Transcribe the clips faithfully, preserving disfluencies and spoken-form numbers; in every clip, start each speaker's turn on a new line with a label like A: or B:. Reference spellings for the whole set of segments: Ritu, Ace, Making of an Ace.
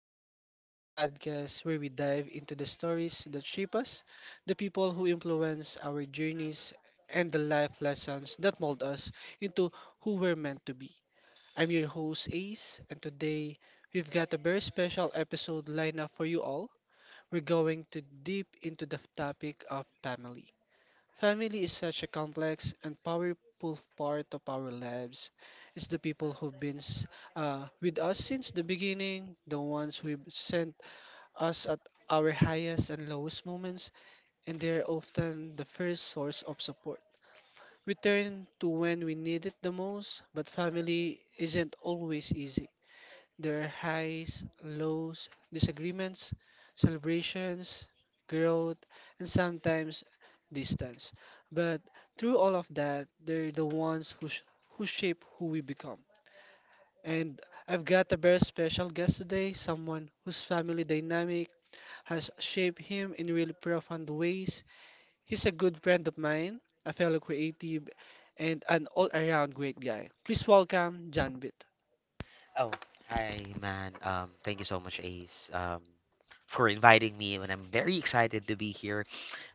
A: Ace, the podcast where we dive into the stories that shape us, the people who influence our journeys, and the life lessons that mold us into who we're meant to be. I'm your host, Ace, and today we've got a very special episode lined up for you all. We're going to deep into the topic of family. Family is such a complex and powerful part of our lives. It's the people who've been s- uh, with us since the beginning, the ones who've sent us at our highest and lowest moments, and they're often the first source of support. We turn to when we need it the most, but family isn't always easy. Their highs, lows, disagreements, celebrations, growth, and sometimes distance. But through all of that, they're the ones who, sh- who shape who we become. And I've got a very special guest today, someone whose family dynamic has shaped him in really profound ways. He's a good friend of mine, a fellow creative, and an all around great guy. Please welcome John Bit.
B: Oh, hi, man. Um, thank you so much, Ace, um, for inviting me, and I'm very excited to be here.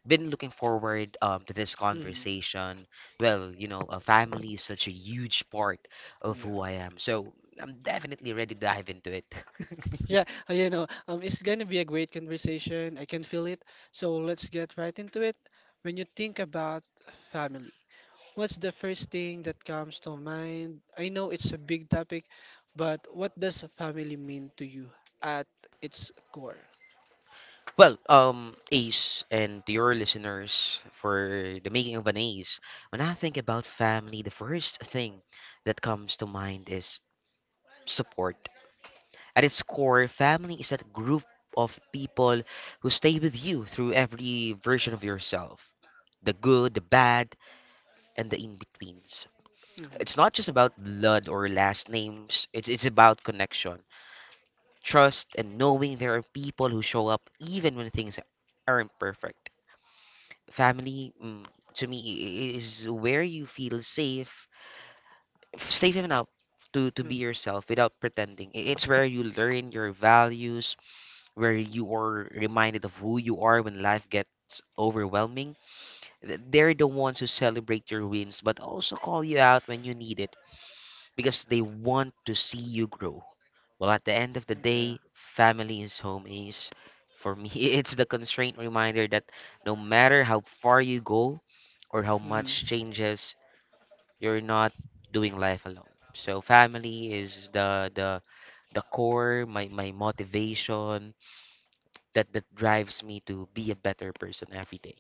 B: Been looking forward um, to this
A: Mm,
B: conversation. Well, you know, a family is such a huge part of
A: yeah.
B: who I am, so I'm definitely ready to dive into it.
A: Yeah, uh, you know, um, it's gonna be a great conversation. I can feel it. So let's get right into it. When you think about family, what's the first thing that comes to mind? I know it's a big topic, but what does family mean to you at its core?
B: Well, um, Ace, and to your listeners for the making of an Ace, when I think about family, the first thing that comes to mind is support. At its core, family is that group of people who stay with you through every version of yourself, the good, the bad, and the in betweens.
A: Hmm.
B: It's not just about blood or last names, it's, it's about connection, trust, and knowing there are people who show up even when things aren't perfect. Family, mm, to me, i- is where you feel safe, safe enough to, to
A: Hmm.
B: be yourself without pretending. I- It's where you learn your values, where you are reminded of who you are when life gets overwhelming. Th- They're the ones who celebrate your wins, but also call you out when you need it because they want to see you grow. Well, at the end of the
A: Yeah.
B: day, family is home is. For me, it's the constraint reminder that no matter how far you go or how much
A: Hmm.
B: changes, you're not doing life alone. So family is the the the core, my my motivation, that that drives me to be a better person every day.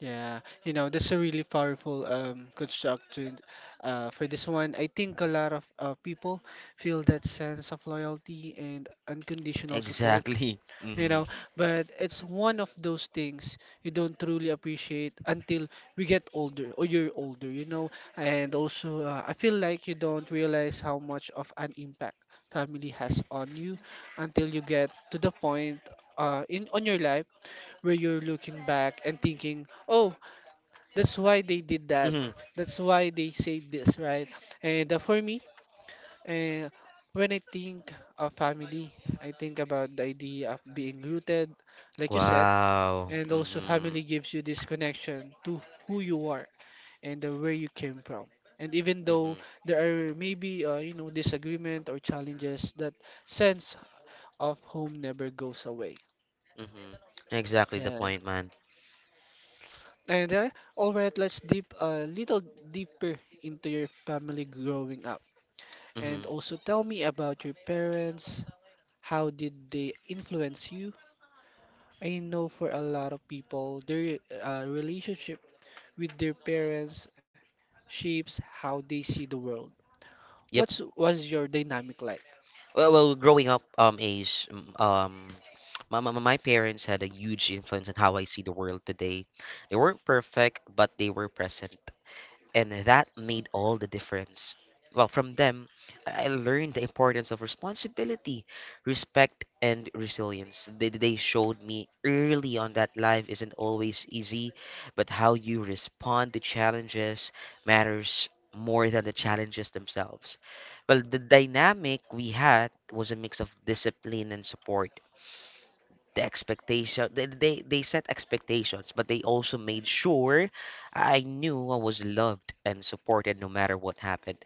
A: Yeah, you know, that's a really powerful um, construct to, uh, for this one. I think a lot of uh, people feel that sense of loyalty and unconditional support
B: Exactly.
A: you
B: Mm-hmm.
A: know but it's one of those things you don't truly appreciate until we get older or you're older you know And also, uh, I feel like you don't realize how much of an impact family has on you until you get to the point, uh, in on your life, where you're looking back and thinking, oh, that's why they did that,
B: Mm-hmm.
A: that's why they say this, right? And, uh, for me, and when I think of family, I think about the idea of being rooted, like you said,
B: Wow.
A: and also family
B: Mm-hmm.
A: gives you this connection to who you are and the where you came from. And even though
B: Mm-hmm.
A: there are maybe, uh, you know disagreement or challenges, that sense of home never goes away.
B: Mm-hmm.
A: Yeah.
B: Exactly the point, man.
A: And, uh, all right, let's deep a little deeper into your family growing up, and
B: Mm-hmm.
A: also tell me about your parents. How did they influence you? I know for a lot of people, their uh, relationship with their parents shapes how they see the world.
B: Yep.
A: What's was your dynamic like?
B: Well, well, growing up, um, Ace, mm, um, my, my my parents had a huge influence on how I see the world today. They weren't perfect, but they were present, and that made all the difference. Well, from them, I learned the importance of responsibility, respect, and resilience. They, they showed me early on that life isn't always easy, but how you respond to challenges matters more than the challenges themselves. Well, the dynamic we had was a mix of discipline and support. The expectation, they, they they set expectations, but they also made sure I knew I was loved and supported no matter what happened.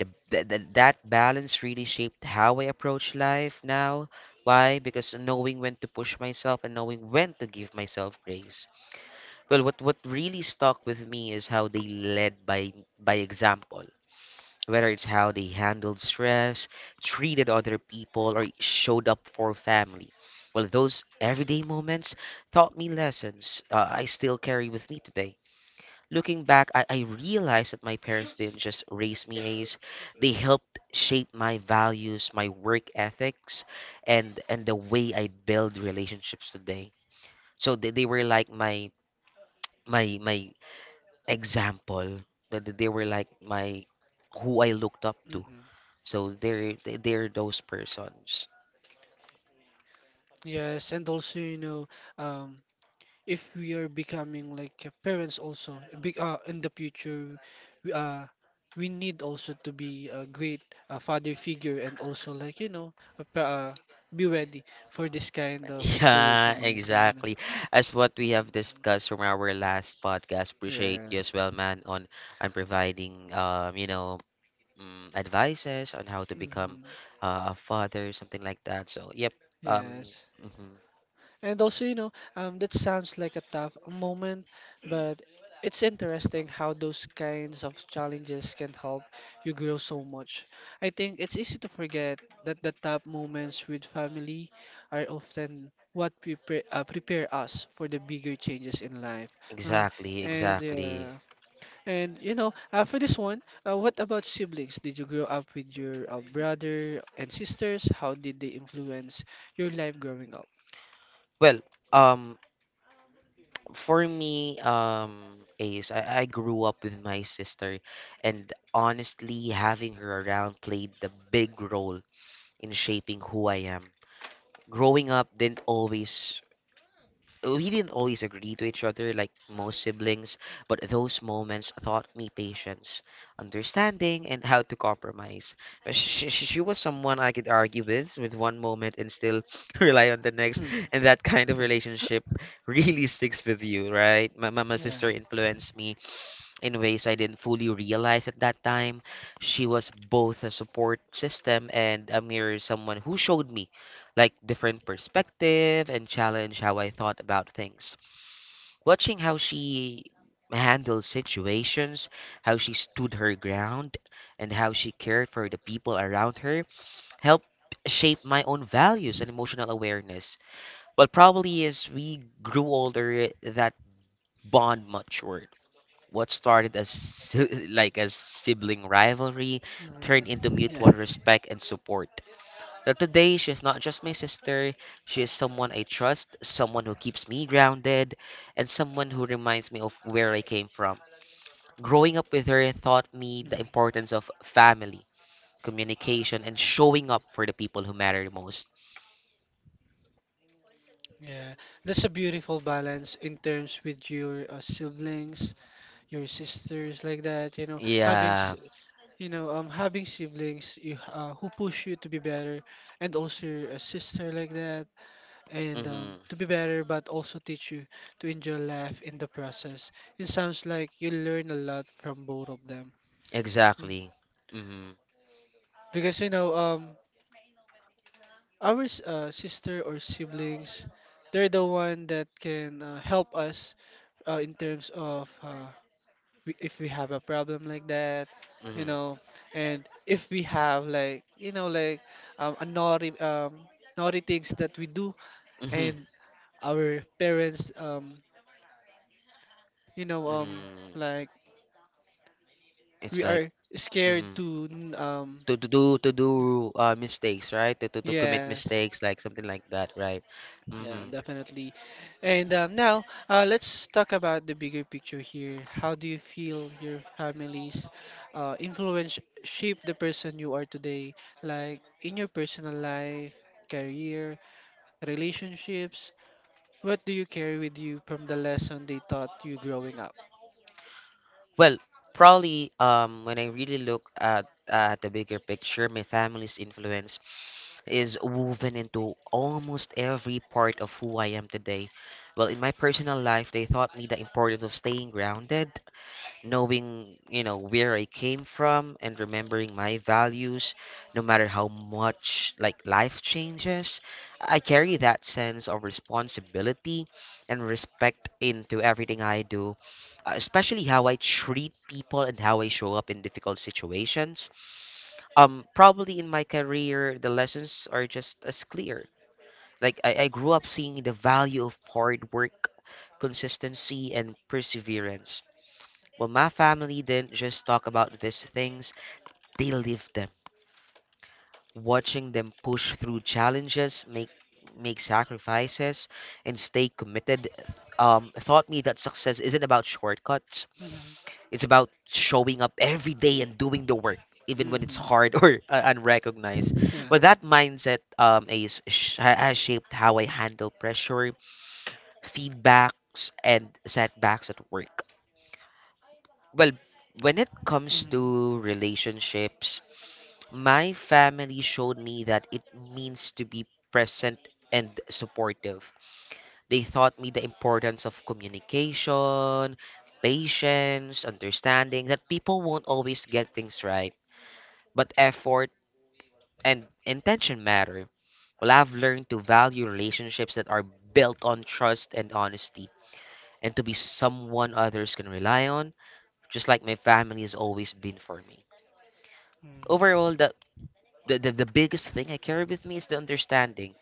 B: The, the, the, that balance really shaped how I approach life now. Why? Because knowing when to push myself and knowing when to give myself grace. Well, what what really stuck with me is how they led by by example, whether it's how they handled stress, treated other people, or showed up for family. Well, those everyday moments taught me lessons uh, I still carry with me today. Looking back, I, I realized that my parents didn't just raise me, as they helped shape my values, my work ethics, and and the way I build relationships today. So they, they were like my my my example. That that they were like my who I looked up to,
A: Hmm.
B: so they're they- they're those persons.
A: Yes, and also, you know, um, if we are becoming like uh, parents also be, uh, in the future, we, uh, we need also to be a great uh, father figure, and also like, you know, a pa- uh, be ready for this kind of situation
B: Yeah,
A: also, you know.
B: exactly. As what we have discussed from our last podcast, appreciate you as
A: Yes.
B: well, man, on on providing, um, you know, um advices on how to become
A: Mhm.
B: uh, a father, something like that. So, yep. Um,
A: Yes.
B: mhm,
A: And also, you know, um, that sounds like a tough moment, but it's interesting how those kinds of challenges can help you grow so much. I think it's easy to forget that the tough moments with family are often what prepare, uh, prepare us for the bigger changes in life. Uh,
B: exactly,
A: and
B: exactly.
A: uh, And you know, uh, for this one, uh, what about siblings? Did you grow up with your uh, brother and sisters? How did they influence your life growing up?
B: Well, um, for me, um, Ace, I, I grew up with my sister, and honestly, having her around played the big role in shaping who I am. Growing up didn't always We didn't always agree to each other like most siblings, but those moments taught me patience, understanding, and how to compromise. But she, she, she was someone I could argue with with one moment and still rely on the next,
A: Mm,
B: and that kind of relationship really sticks with you, right? My, my, my sister
A: yeah.
B: influenced me in ways I didn't fully realize at that time. She was both a support system and a mirror, someone who showed me like different perspective and challenged how I thought about things. Watching how she handled situations, how she stood her ground, and how she cared for the people around her helped shape my own values and emotional awareness. But probably as we grew older, that bond matured. What started as si- like as sibling rivalry turned into
A: Mm,
B: mutual
A: yeah.
B: respect and support. Now today, she's not just my sister. She is someone I trust, someone who keeps me grounded, and someone who reminds me of where I came from. Growing up with her taught me
A: Mm,
B: the importance of family, communication, and showing up for the people who matter the most.
A: yeah. That's a beautiful balance in terms with your uh, siblings, your sisters, like that. You know, having s-
B: Yeah.
A: you know, um, having siblings you, uh, who push you to be better, and also a sister like that, and um,
B: Mm-hmm.
A: to be better, but also teach you to enjoy life in the process. It sounds like you learn a lot from both of them. Mm.
B: Exactly. Mm-hmm.
A: Because you know, um, our s- uh, sister or siblings, they're the one that can uh, help us uh, in terms of uh, we, if we have a problem like that, you
B: Mm-hmm.
A: know, and if we have like you know like um, a naughty um, naughty things that we do,
B: Mm-hmm.
A: and our parents, um, you know um,
B: Mm-hmm.
A: like
B: It's
A: we
B: like.
A: are scared
B: Mm-hmm.
A: to n- um
B: To to do to do uh mistakes, right? To to, to commit
A: yes.
B: mistakes like something like that, right?
A: Yeah,
B: Mm-hmm.
A: definitely. And um, now, uh, let's talk about the bigger picture here. How do you feel your family's uh, influence shape the person you are today? Like in your personal life, career, relationships, what do you carry with you from the lesson they taught you growing up?
B: Well, probably um when I really look at at the bigger picture, my family's influence is woven into almost every part of who I am today. Well, in my personal life, they taught me the importance of staying grounded, knowing, you know, where I came from, and remembering my values no matter how much like life changes. I carry that sense of responsibility and respect into everything I do, uh, especially how I treat people and how I show up in difficult situations. Um probably in my career, the lessons are just as clear. like i, I grew up seeing the value of hard work, consistency, and perseverance. Well, my family didn't just talk about these things, they lived them. Watching them push through challenges, make make sacrifices, and stay committed, um, taught me that success isn't about shortcuts.
A: Mm-hmm.
B: It's about showing up every day and doing the work, even when it's
A: Mm-hmm.
B: hard or uh, unrecognized.
A: Yeah.
B: But that mindset um, is, sh- has shaped how I handle pressure, feedbacks, and setbacks at work. Well, when it comes
A: Mm-hmm.
B: to relationships, my family showed me that it means to be present and supportive. They taught me the importance of communication, patience, understanding that people won't always get things right, but effort and intention matter. Well, I've learned to value relationships that are built on trust and honesty, and to be someone others can rely on, just like my family has always been for me.
A: Mm-hmm.
B: Overall, the, the the the biggest thing I carry with me is the understanding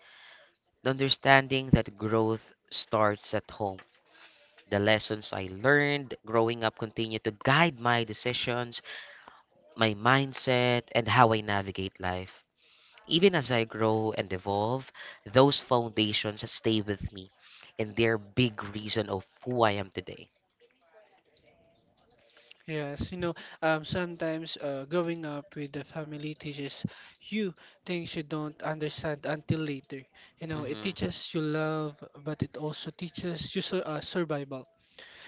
B: the understanding that growth starts at home. The lessons I learned growing up continue to guide my decisions, my mindset, and how I navigate life. Even as I grow and evolve, those foundations stay with me, and they're big reason of who I am today.
A: Yes, you know, um, sometimes, uh, growing up with the family teaches you things you don't understand until later. You know, it
B: Mm-hmm,
A: teaches you love, but it also teaches you sur uh, survival,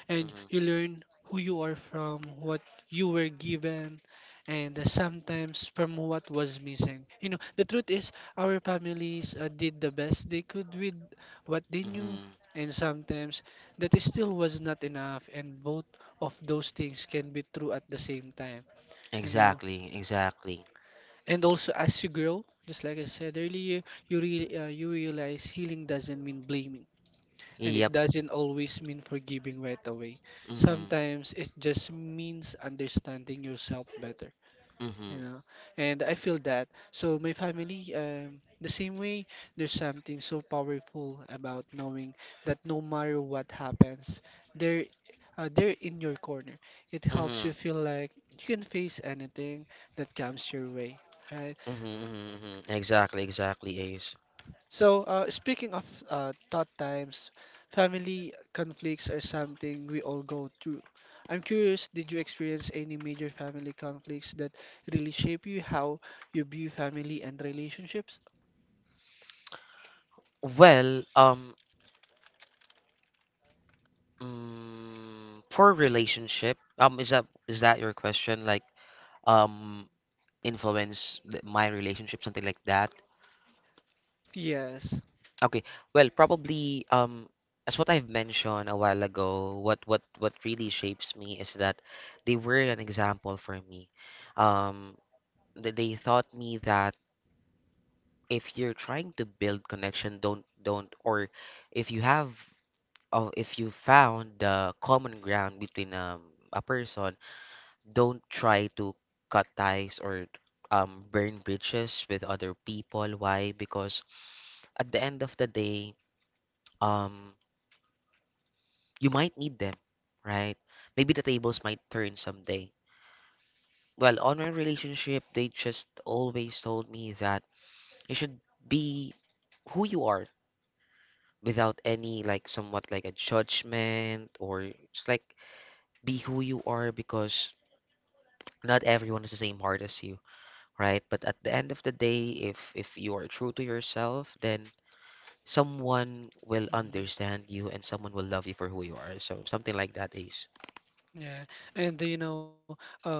A: and
B: mm-hmm,
A: you learn who you are from what you were given and sometimes from what was missing. You know, the truth is our families uh, did the best they could with what they knew,
B: mm-hmm.
A: and sometimes that is still was not enough, and both of those things can be true at the same time, you know.
B: Exactly, exactly.
A: And also, as you grow, just like I said earlier, you really uh, you realize healing doesn't mean blaming, and it
B: Yep.
A: doesn't always mean forgiving right away.
B: Mm-hmm,
A: Sometimes it just means understanding yourself better,
B: mm-hmm,
A: you know. And I feel that. So my family, um, the same way, there's something so powerful about knowing that no matter what happens, they're uh, they're in your corner. It helps
B: mm-hmm.
A: you feel like you can face anything that comes your way, right?
B: Mm-hmm, mm-hmm. Exactly, exactly, Ace.
A: So, uh, speaking of uh, tough times, family conflicts are something we all go through. I'm curious, did you experience any major family conflicts that really shape you, how you view family and relationships?
B: Well, um, mm, for relationship, um, is that is that your question? Like, um, influence th- my relationship, something like that.
A: Yes.
B: Okay. Well, probably, um, as what I've mentioned a while ago, what what what really shapes me is that they were an example for me. Um, th- they taught me that if you're trying to build connection, don't don't or if you have, oh, if you found the common ground between, um, a person, don't try to cut ties or um, burn bridges with other people. Why? Because at the end of the day, um, you might need them, right? Maybe the tables might turn someday. Well, on my relationship, they just always told me that you should be who you are without any like somewhat like a judgment, or just like be who you are because not everyone is the same hard as you, right? But at the end of the day, if if you are true to yourself, then someone will
A: Hmm.
B: understand you and someone will love you for who you are. So something like that, Ace.
A: Yeah. And uh, you know, um,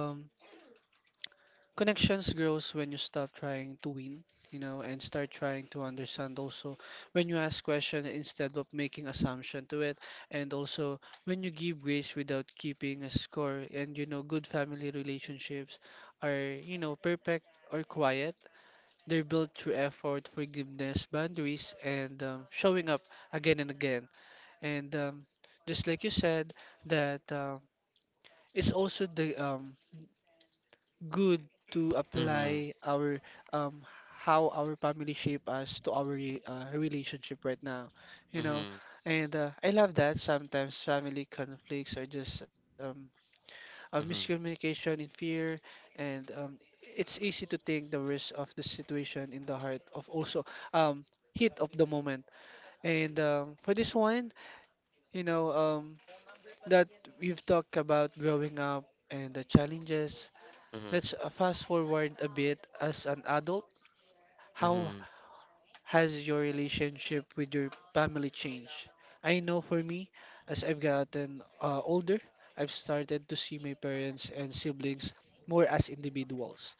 A: Connections grows when you stop trying to win, you know, and start trying to understand also when you ask question instead of making assumption to it, and also when you give grace without keeping a score, and you know good family relationships are, you know, perfect or quiet. They're built through effort, forgiveness, boundaries, and um, showing up again and again. And um, just like you said that um, it's also the um, good to
B: Mm-hmm.
A: apply our um how our family shape us to our re- uh, relationship right now, you know.
B: Mm-hmm.
A: And uh, I love that sometimes family conflicts are just um a
B: Mm-hmm.
A: miscommunication in fear, and um it's easy to think the worst of the situation in the heart of also um heat of the moment. And um, for this one, you know um that we've talked about growing up and the challenges.
B: Mm-hmm.
A: Let's, uh, fast forward a bit. As an adult, how
B: Mm-hmm.
A: has your relationship with your family changed? I know for me, as I've gotten uh, older, I've started to see my parents and siblings more as individuals,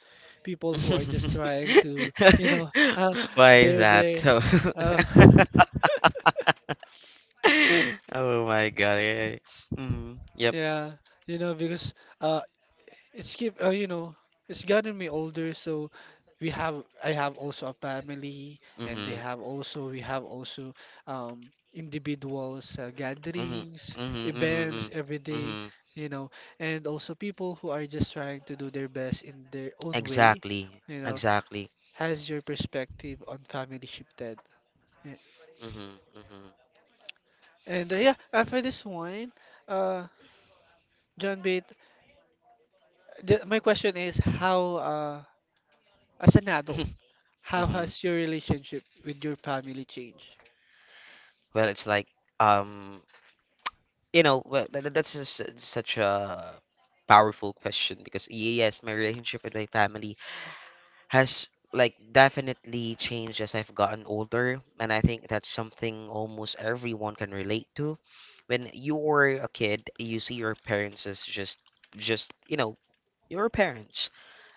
A: people who are just trying to, you know, uh,
B: Why is
A: they're
B: that?
A: very,
B: So
A: uh,
B: Oh my God. Yeah. Mm-hmm. Yep.
A: yeah, you know, because uh, It's keep, uh, you know, it's gotten me older, so we have I have also a family, and they
B: Mm-hmm.
A: have also we have also um individuals, uh,
B: Mm-hmm.
A: gatherings,
B: Mm-hmm. Mm-hmm.
A: events every day,
B: Mm-hmm.
A: you know, and also people who are just trying to do their best in their own way,
B: Exactly.
A: you know.
B: Exactly.
A: Has your perspective on family shifted? Yeah.
B: Mm-hmm. Mm-hmm.
A: And, uh, yeah, after this one, uh, John Bate, the, my question is how, uh as an adult, how
B: Hmm.
A: has your relationship with your family changed?
B: Well, it's like, um, you know, well, tha- tha- that's just s- such a powerful question because y- yes, my relationship with my family has like definitely changed as I've gotten older, and I think that's something almost everyone can relate to. When you were a kid, you see your parents as just just you know your parents,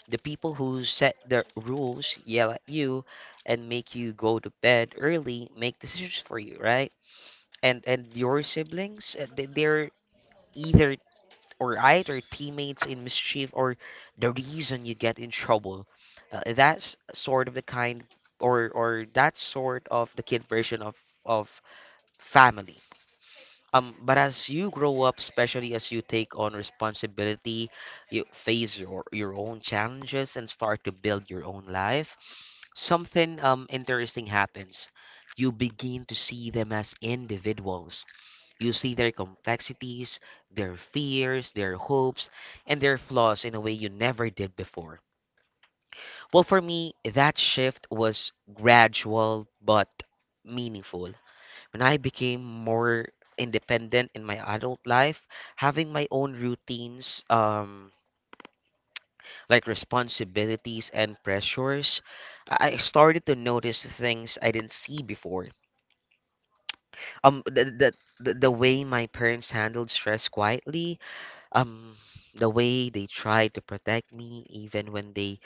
B: the people who set the rules, yell at you, and make you go to bed early, make decisions for you, right? and and your siblings uh, they- they're either or either teammates in mischief, or the reason you get in trouble. Uh, that's sort of the kind or or that sort of the kid version of of family. Um but as you grow up, especially as you take on responsibility, you face your your own challenges and start to build your own life. Something um interesting happens. You begin to see them as individuals. You see their complexities, their fears, their hopes, and their flaws in a way you never did before. Well, for me, that shift was gradual but meaningful. When I became more independent in my adult life, having my own routines, um, like responsibilities and pressures, I I started to notice things I didn't see before. Um, the, the, the the way my parents handled stress quietly. Um, the way they tried to protect me, even when they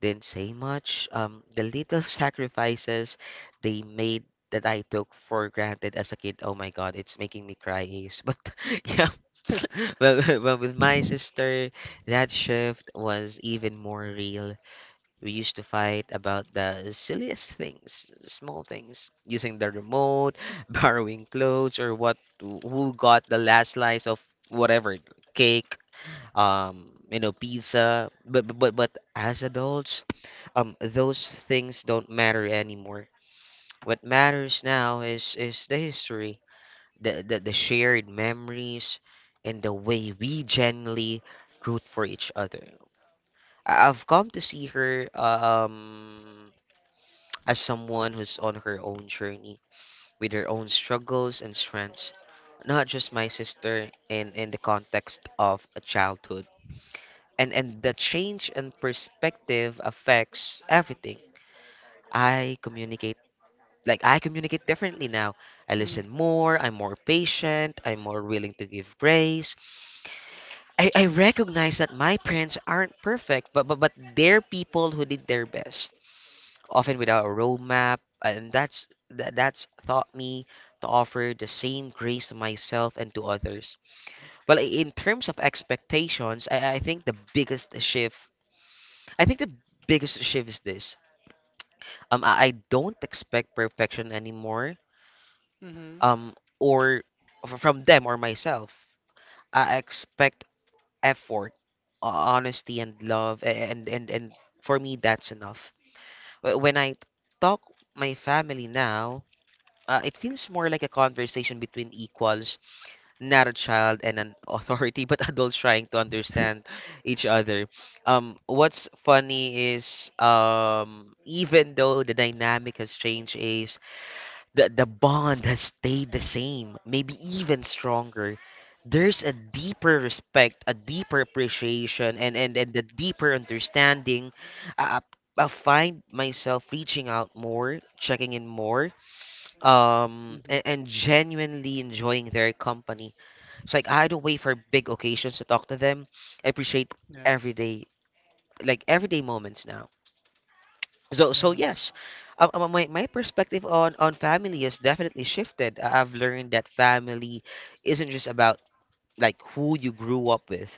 B: didn't say much, um, the little sacrifices they made that I took for granted as a kid. Oh my God, it's making me cry, Ace. But yeah, but, but with my sister, that shift was even more real. We used to fight about the silliest things, small things, using the remote, borrowing clothes, or what, who got the last slice of whatever cake, um, you know, pizza. But but but but as adults, um, those things don't matter anymore. What matters now is is the history, the the, the shared memories, and the way we genuinely root for each other. I- I've come to see her um as someone who's on her own journey with her own struggles and strengths, not just my sister in in the context of a childhood. and and the change in perspective affects everything I communicate. Like, I communicate differently now. I
A: Mm,
B: listen more, I'm more patient, I'm more willing to give grace. I, I recognize that my parents aren't perfect, but, but but they're people who did their best often without a roadmap, and that's that, that's taught me to offer the same grace to myself and to others. Well, i- in terms of expectations, i, I think the biggest shift I think the biggest shift is this. Um, I I don't expect perfection anymore.
A: mm-hmm.
B: Um, or f- from them or myself. I expect effort, ho- honesty, and love, a- and and and for me that's enough. Wh- When I talk my family now, uh, it feels more like a conversation between equals, not a child and an authority, but adults trying to understand each other. Um, what's funny is, um, even though the dynamic has changed, is the the bond has stayed the same, maybe even stronger. There's a deeper respect, a deeper appreciation, and and and the deeper understanding. I, I I find myself reaching out more, checking in more, um
A: Hmm.
B: and, and genuinely enjoying their company. It's like I don't wait for big occasions to talk to them. I appreciate
A: Yeah,
B: everyday like everyday moments now. So so
A: yeah.
B: yes, um, um, my my perspective on on family has definitely shifted. I- I've learned that family isn't just about, like, who you grew up with.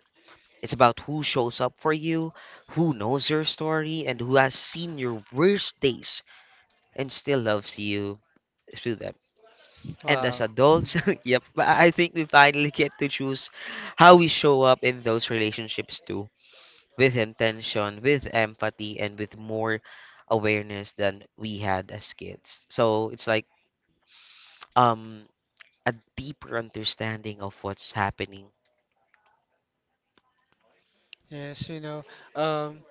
B: It's about who shows up for you, who knows your story, and who has seen your worst days and still loves you through them. And as
A: Wow.
B: adults, yep, I I think we finally get to choose how we show up in those relationships too, with intention, with empathy, and with more awareness than we had as kids. So it's like um a deeper understanding of what's happening.
A: Yes, you know, um,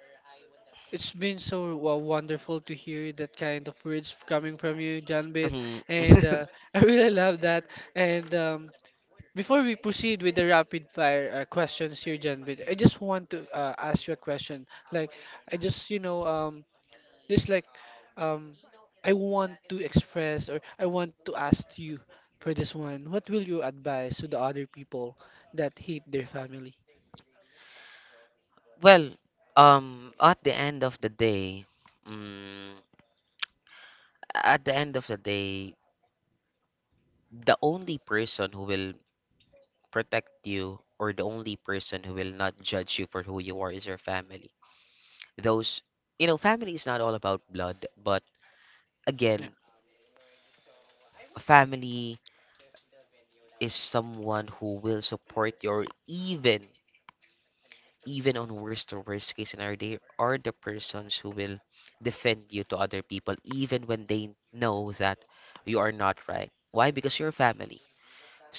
A: it's been so wo- wonderful to hear that kind of words coming from you, John Bit,
B: Mhm.
A: and uh, I really love that. And um, before we proceed with the rapid fire uh, questions here, John Bit, I just want to uh, ask you a question. Like, I just, you know, um, there's like, um, I want to express, or I want to ask you for this one. What will you advise to the other people that hate their family?
B: Well, um, at the end of the day, mm, at the end of the day, the only person who will protect you, or the only person who will not judge you for who you are, is your family. Those, you know, Family is not all about blood, but
A: Yeah.
B: again, family is someone who will support you, or even even on worst to worst case scenario, they are the persons who will defend you to other people even when they know that you are not right. Why? Because you're family.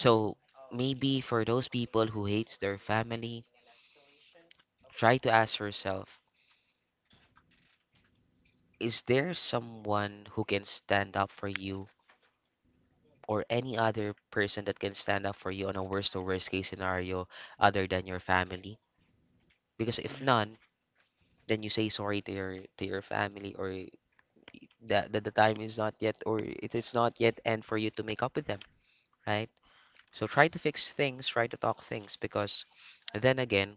A: Mhm.
B: maybe for those people who hates their family, try to ask yourself: Is there someone who can stand up for you, or any other person that can stand up for you on a worst to worst case scenario, other than your family? Because if
A: Yeah.
B: none, then you say sorry to your to your family, or y- that, that the time is not yet, or it is not yet end for you to make up with them, right? So try to fix things, try to talk things, because then again,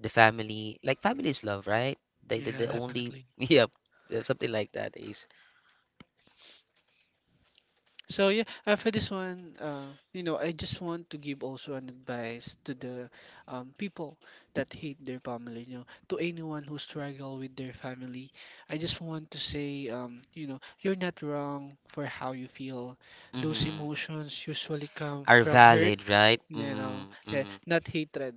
B: the family like family is love, right? They the,
A: Yeah,
B: the only
A: definitely.
B: yeah, something like that is.
A: So yeah, uh, for this one, uh, you know, I just want to give also an advice to the um, people that hate their family. You know, to anyone who struggle with their family, I just want to say, um, you know, you're not wrong for how you feel. Those
B: Mm-hmm.
A: emotions usually come
B: Are
A: from hurt,
B: valid, right?
A: you know,
B: Mhm,
A: yeah,
B: mhm,
A: not hatred,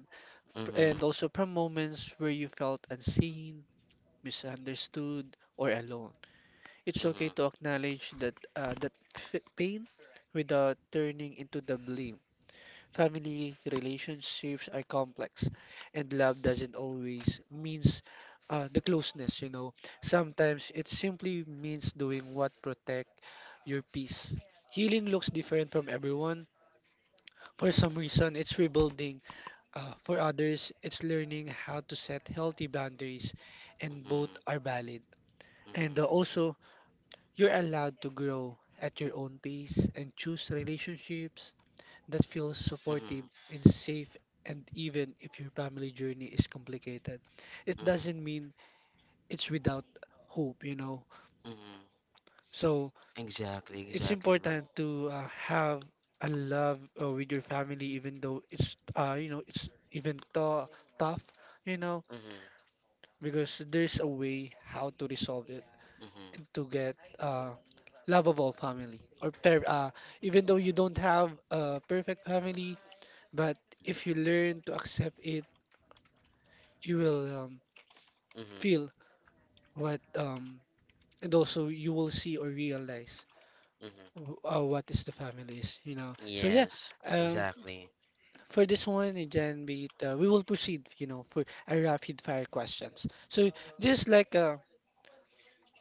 A: p-
B: mhm,
A: and also from moments where you felt unseen, misunderstood, or alone. It's okay
B: mhm,
A: to acknowledge that uh, that f- pain without turning into the blame. Family relationships are complex, and love doesn't always means uh, the closeness, you know. Sometimes it simply means doing what protect your peace. Healing looks different from everyone. For some reason, it's rebuilding. Uh, for others, it's learning how to set healthy boundaries, and both
B: mhm,
A: are valid.
B: mhm,
A: And uh, also, you're allowed to grow at your own pace and choose relationships that feels supportive
B: mhm,
A: and safe, and even if your family journey is complicated, it
B: mhm,
A: doesn't mean it's without hope, you know.
B: mhm.
A: So
B: Exactly,
A: it's
B: exactly, man.
A: important to uh, have a love uh, with your family, even though it's uh, you know it's even tou- tough, you know,
B: Mhm,
A: because there's a way how to resolve it
B: mhm,
A: and to get uh, lovable family or per uh, even though you don't have a perfect family, but
B: mhm,
A: if you learn to accept it you will um,
B: mhm, mhm,
A: feel what um, and also you will see or realize
B: mhm.
A: w- uh, what is the family is you know so yeah
B: Yes,
A: uh,
B: exactly.
A: for this one uh, Jan Beat uh, we will proceed you know for a rapid fire questions so just like a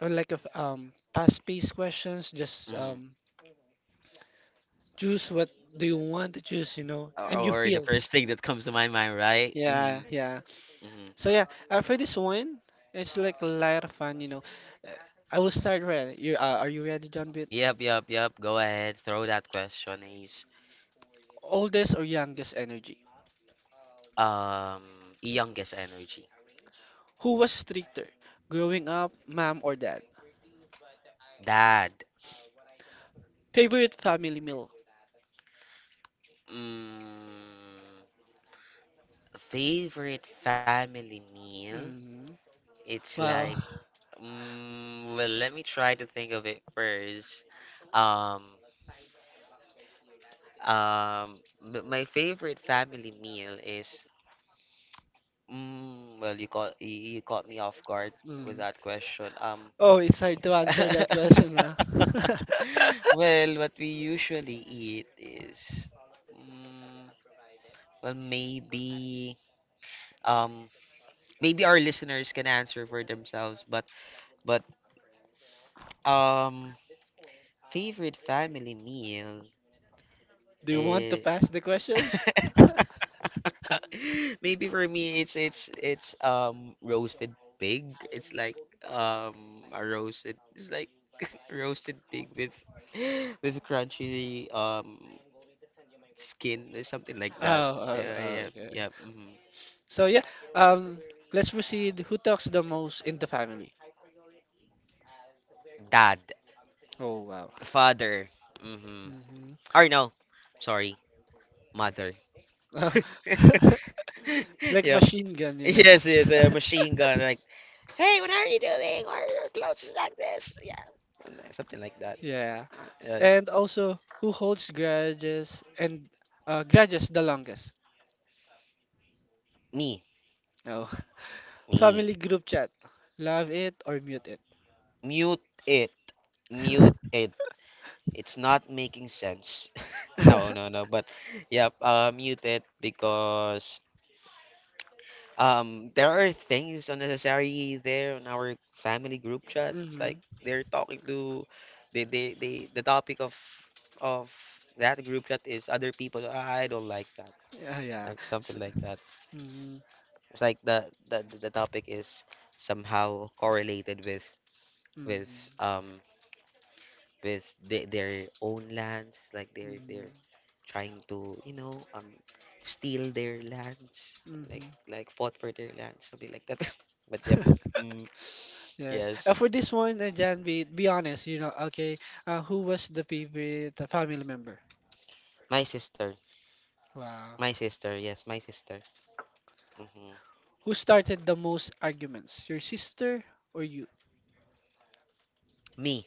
A: or like a f- um past pace questions just
B: Mhm.
A: um choose what do you want to choose you know and you
B: Or, or the
A: feel
B: first thing that comes to my mind, right?
A: yeah
B: Mhm,
A: yeah
B: mhm.
A: so yeah uh, for this one it's like a lot of fun you know Uh, I will start right you uh, are you ready John?
B: Yep, yep, yep. Go ahead, throw that question. Is
A: Oldest or youngest energy?
B: um Youngest energy.
A: Who was stricter? Growing up, mom or dad?
B: Dad.
A: Favorite family meal?
B: Mm, Favorite family meal?
A: Mm.
B: It's
A: Wow.
B: like, mm, well, let me try to think of it first. Um, um, but my favorite family meal is, mm, well, you caught you you caught me off guard with
A: Mm.
B: that question. Um,
A: Oh, it's hard to answer that question now.
B: well, what we usually eat is, mm, well, maybe, um, maybe our listeners can answer for themselves, but, but, um, favorite family meal.
A: Do you want to pass the questions?
B: Maybe for me it's it's it's um roasted pig. It's like um a roasted it's like roasted pig with with crunchy um skin or something like
A: Oh,
B: that.
A: oh,
B: Yeah,
A: oh,
B: yeah,
A: okay.
B: yeah. Hmm.
A: So yeah, um, let's proceed. Who talks the most in the family?
B: Dad,
A: Oh wow.
B: father. Mm-hmm.
A: Hmm.
B: Or no, sorry, mother.
A: It's like
B: Yep.
A: machine gun, you know.
B: Yes, yes, a machine gun. Like, hey, what are you doing? Why are your clothes like this? Yeah, and, uh, something like that.
A: Yeah.
B: Uh,
A: S-
B: uh,
A: And also, who holds grudges and uh, grudges the longest?
B: Me,
A: Oh,
B: me.
A: family group chat. Love it or mute it.
B: Mute it, mute it. It's not making sense. No, no, no. But yeah, uh, mute it, because um, there are things unnecessary there on our family group chat. It's
A: Mm-hmm.
B: like they're talking to they they, they the topic of of that group chat is other people. I don't like that.
A: Yeah, yeah.
B: Like,
A: S
B: something like that.
A: mm,
B: It's like the the the topic is somehow correlated with with
A: mm,
B: um with the, their own lands. It's like they're
A: mm,
B: they're trying to, you know um steal their lands, like
A: mm-hmm.
B: like fought for their lands, something like that. But yep, mm,
A: Yes. Uh,
B: yes,
A: for this one, uh, Jan, be, be honest, you know, okay. Uh, who was the favorite uh, family member?
B: my sister,
A: Wow.
B: my sister, yes, my sister. Hmm.
A: Who started the most arguments? Your sister or you?
B: Me.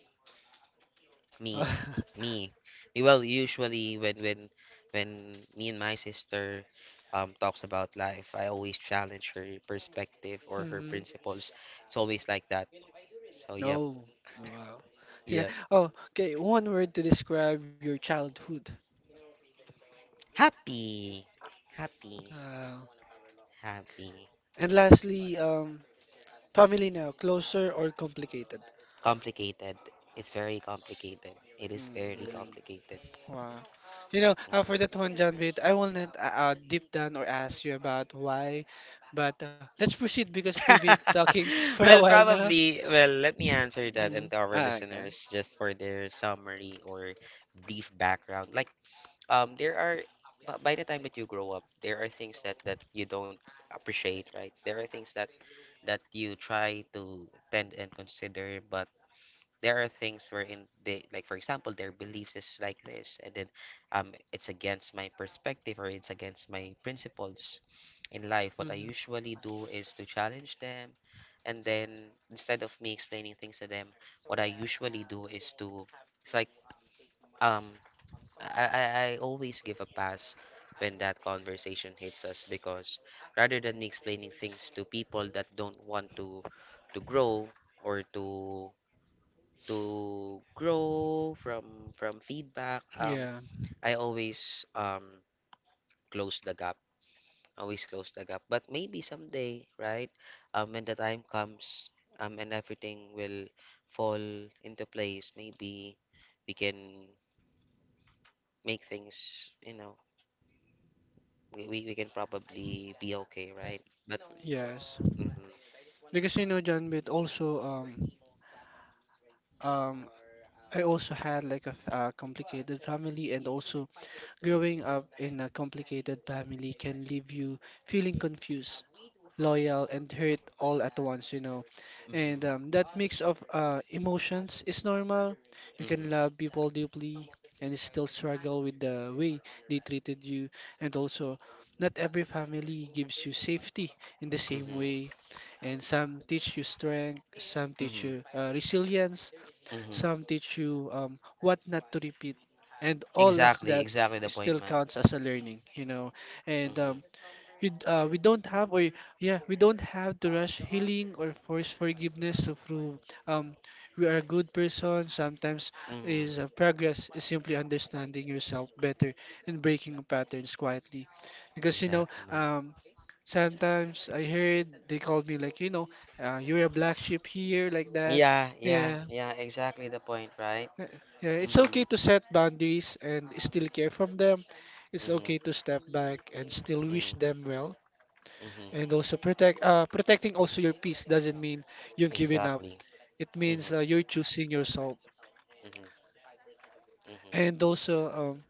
B: Me, me, me. Well, usually when when when me and my sister um talks about life, I always challenge her perspective or her
A: Mm-hmm.
B: principles. It's always like that, so yep.
A: Oh, wow. Yeah.
B: Yep.
A: Oh, okay. One word to describe your childhood.
B: Happy, happy,
A: Uh,
B: happy.
A: and lastly, um, family now, closer or complicated?
B: Complicated. It's very complicated. It is very
A: Mm,
B: complicated.
A: wow. You know, uh, for
B: Mhm.
A: that one, John, wait, I will not uh, uh, deep down or ask you about why, but uh, let's proceed because we've been talking for a
B: Well,
A: while now.
B: probably. Well, let me answer that,
A: Mm.
B: and to our
A: Ah, okay.
B: listeners just for their summary or brief background. Like, um there are bu- by the time that you grow up, there are things that that you don't appreciate, right? There are things that that you try to tend and consider, but there are things wherein, they, like, for example, their beliefs is like this, and then um it's against my perspective, or it's against my principles in life. What I
A: Hmm.
B: usually do is to challenge them. And then, instead of me explaining things to them, what I usually do is to it's like, um I, I, I always give a pass when that conversation hits us, because rather than me explaining things to people that don't want to to grow, or to to grow from from feedback, um,
A: Yeah,
B: I always um close the gap. Always close the gap. But maybe someday, right? Um, when the time comes, um, and everything will fall into place, maybe we can make things, you know, we, we, we can probably be okay, right? But
A: yes.
B: mm-hmm,
A: Because you know, John, but also um um I also had like a, f- a complicated family, and also growing
B: mm-hmm,
A: up in a complicated family can leave you feeling confused, loyal, and hurt all at once, you know. And
B: mm-hmm,
A: um, that mix of uh, emotions is normal. You can
B: mm-hmm,
A: love people deeply and still struggle with the way they treated you, and also. Not every family gives you safety in the same
B: mm-hmm,
A: way, and some teach you strength, some teach
B: mm-hmm,
A: you uh, resilience,
B: mm-hmm.
A: some teach you um, what not to repeat, and all of
B: Exactly,
A: that
B: exactly the point,
A: still
B: man.
A: counts as a learning, you know. And
B: Mm-hmm,
A: um, you, d- uh, we don't have, or yeah, we don't have to rush healing or force forgiveness to prove um, we are a good person. Sometimes
B: mm-hmm.
A: is uh, progress is simply understanding yourself better and breaking patterns quietly, because you know.
B: Exactly, man.
A: Um, Sometimes I heard they called me like, you know, uh, you're a black sheep here, like that.
B: Yeah, yeah,
A: Yeah,
B: yeah, exactly the point, right?
A: yeah, yeah, it's okay
B: Mm-hmm,
A: to set boundaries and still care from them. It's okay
B: mm-hmm,
A: to step back and still wish
B: mm-hmm,
A: them well. And
B: mm-hmm.
A: also protect uh, protecting also your peace doesn't mean you've given up.
B: Exactly.
A: It
B: Mm-hmm,
A: means uh, you're choosing yourself.
B: mm-hmm,
A: And also um,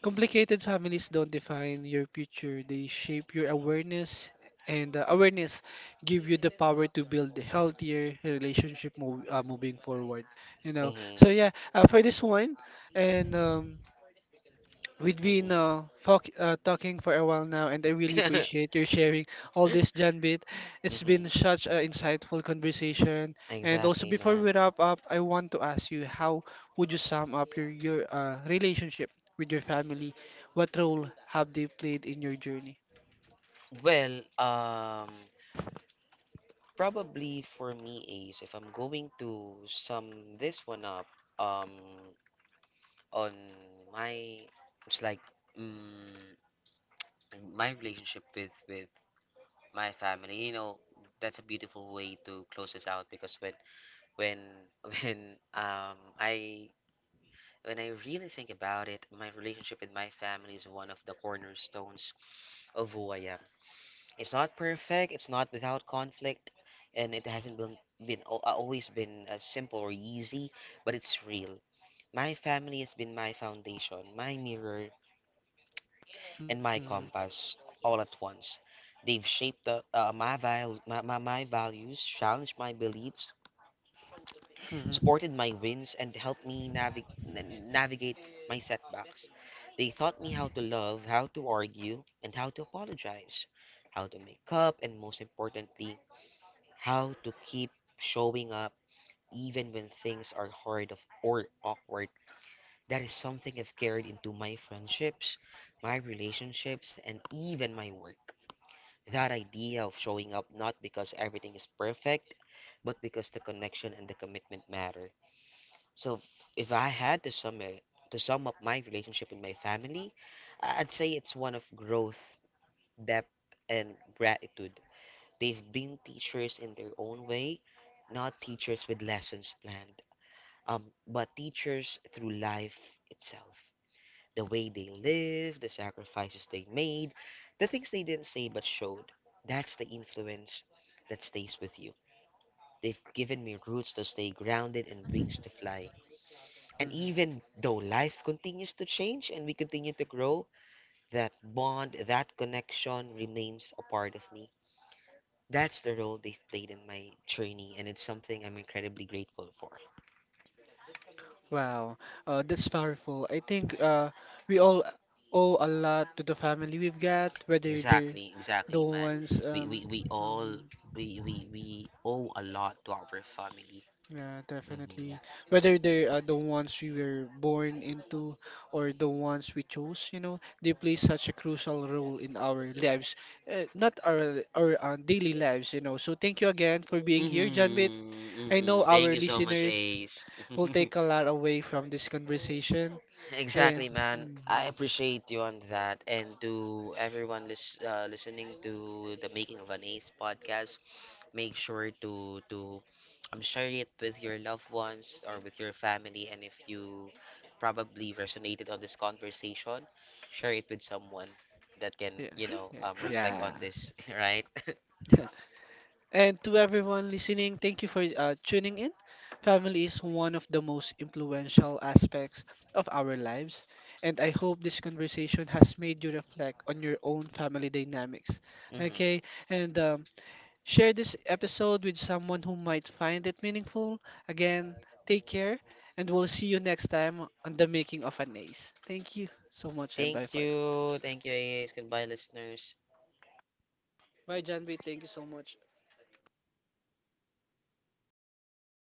A: complicated families don't define your future. They shape your awareness and uh, awareness give you the power to build a healthier relationship mov uh, moving forward. You
B: mm-hmm,
A: know.
B: mm-hmm,
A: So yeah, uh, for this one and um we've been uh, talk, uh, talking for a while now, and I really
B: mm-hmm.
A: appreciate your sharing all this, John Bit. It's
B: Mm-hmm.
A: been such an insightful conversation. And also,
B: Exactly,
A: before
B: man.
A: we wrap up, I want to ask you, how would you sum up your, your uh, relationship with your family? What role have they played in your journey?
B: Well, um, probably for me, Ace, if I'm going to sum this one up, um, on my, it's like, mm, my relationship with with my family. You know, that's a beautiful way to close this out, because when when when um I when I really think about it, my relationship with my family is one of the cornerstones of who I am. It's not perfect, it's not without conflict, and it hasn't been, been al- uh, always been uh, simple or easy, but it's real. My family has been my foundation, my mirror, and
A: Mm,
B: my compass all at once. They've shaped the, uh, my, val- my, my, my values, challenged my beliefs,
A: mhm,
B: supported my wins, and helped me navig- n- navigate my setbacks. They taught me how to love, how to argue, and how to apologize, how to make up, and most importantly, how to keep showing up even when things are hard of- or awkward. That is something I've carried into my friendships, my relationships, and even my work. That idea of showing up not because everything is perfect, but because the connection and the commitment matter. So if if I had to sum it, to sum up my relationship with my family, I- I'd say it's one of growth, depth, and gratitude. They've been teachers in their own way, not teachers with lessons planned, um, but teachers through life itself. The way they lived, the sacrifices they made, the things they didn't say but showed. That's the influence that stays with you. They've given me roots to stay grounded and wings to fly. And
A: mhm.
B: even though life continues to change and we continue to grow, that bond, that connection remains a part of me. That's the role they've played in my journey, and it's something I'm incredibly grateful for.
A: Wow, uh, that's powerful. I think uh, we all owe a lot to the family we've got, whether they're
B: Exactly,
A: the
B: exactly, man.
A: ones
B: We
A: um,
B: we, we all
A: mm-hmm.
B: we, we we owe a lot to our family.
A: Yeah,
B: Mm-hmm.
A: definitely. Whether they are the ones we were born into or the ones we chose, you know, they play such a crucial role in our lives, uh, not our our uh, daily lives, you know. So thank you again for being here, Janbit.
B: Mm-hmm.
A: I
B: Mm-hmm.
A: know
B: Thank
A: our
B: you so much,
A: listeners
B: Ace.
A: will take a lot away from this conversation, and
B: Exactly, man.
A: mm,
B: I appreciate you on that. And to everyone lis uh, listening to the Making of an Ace podcast, make sure to to um, share it with your loved ones or with your family. And if you probably resonated on this conversation, share it with someone that can,
A: yeah,
B: you know,
A: yeah,
B: um, reflect
A: yeah.
B: on this, right?
A: And to everyone listening, thank you for uh, tuning in. Family is one of the most influential aspects of our lives, and I hope this conversation has made you reflect on your own family dynamics.
B: Hmm.
A: Okay, and um, share this episode with someone who might find it meaningful. Again, take care, and we'll see you next time on the Making of an Ace. Thank you so much, and bye
B: Thank
A: for now.
B: you. Thank you, Ace. Goodbye, listeners.
A: Bye, Janby. Thank you so much.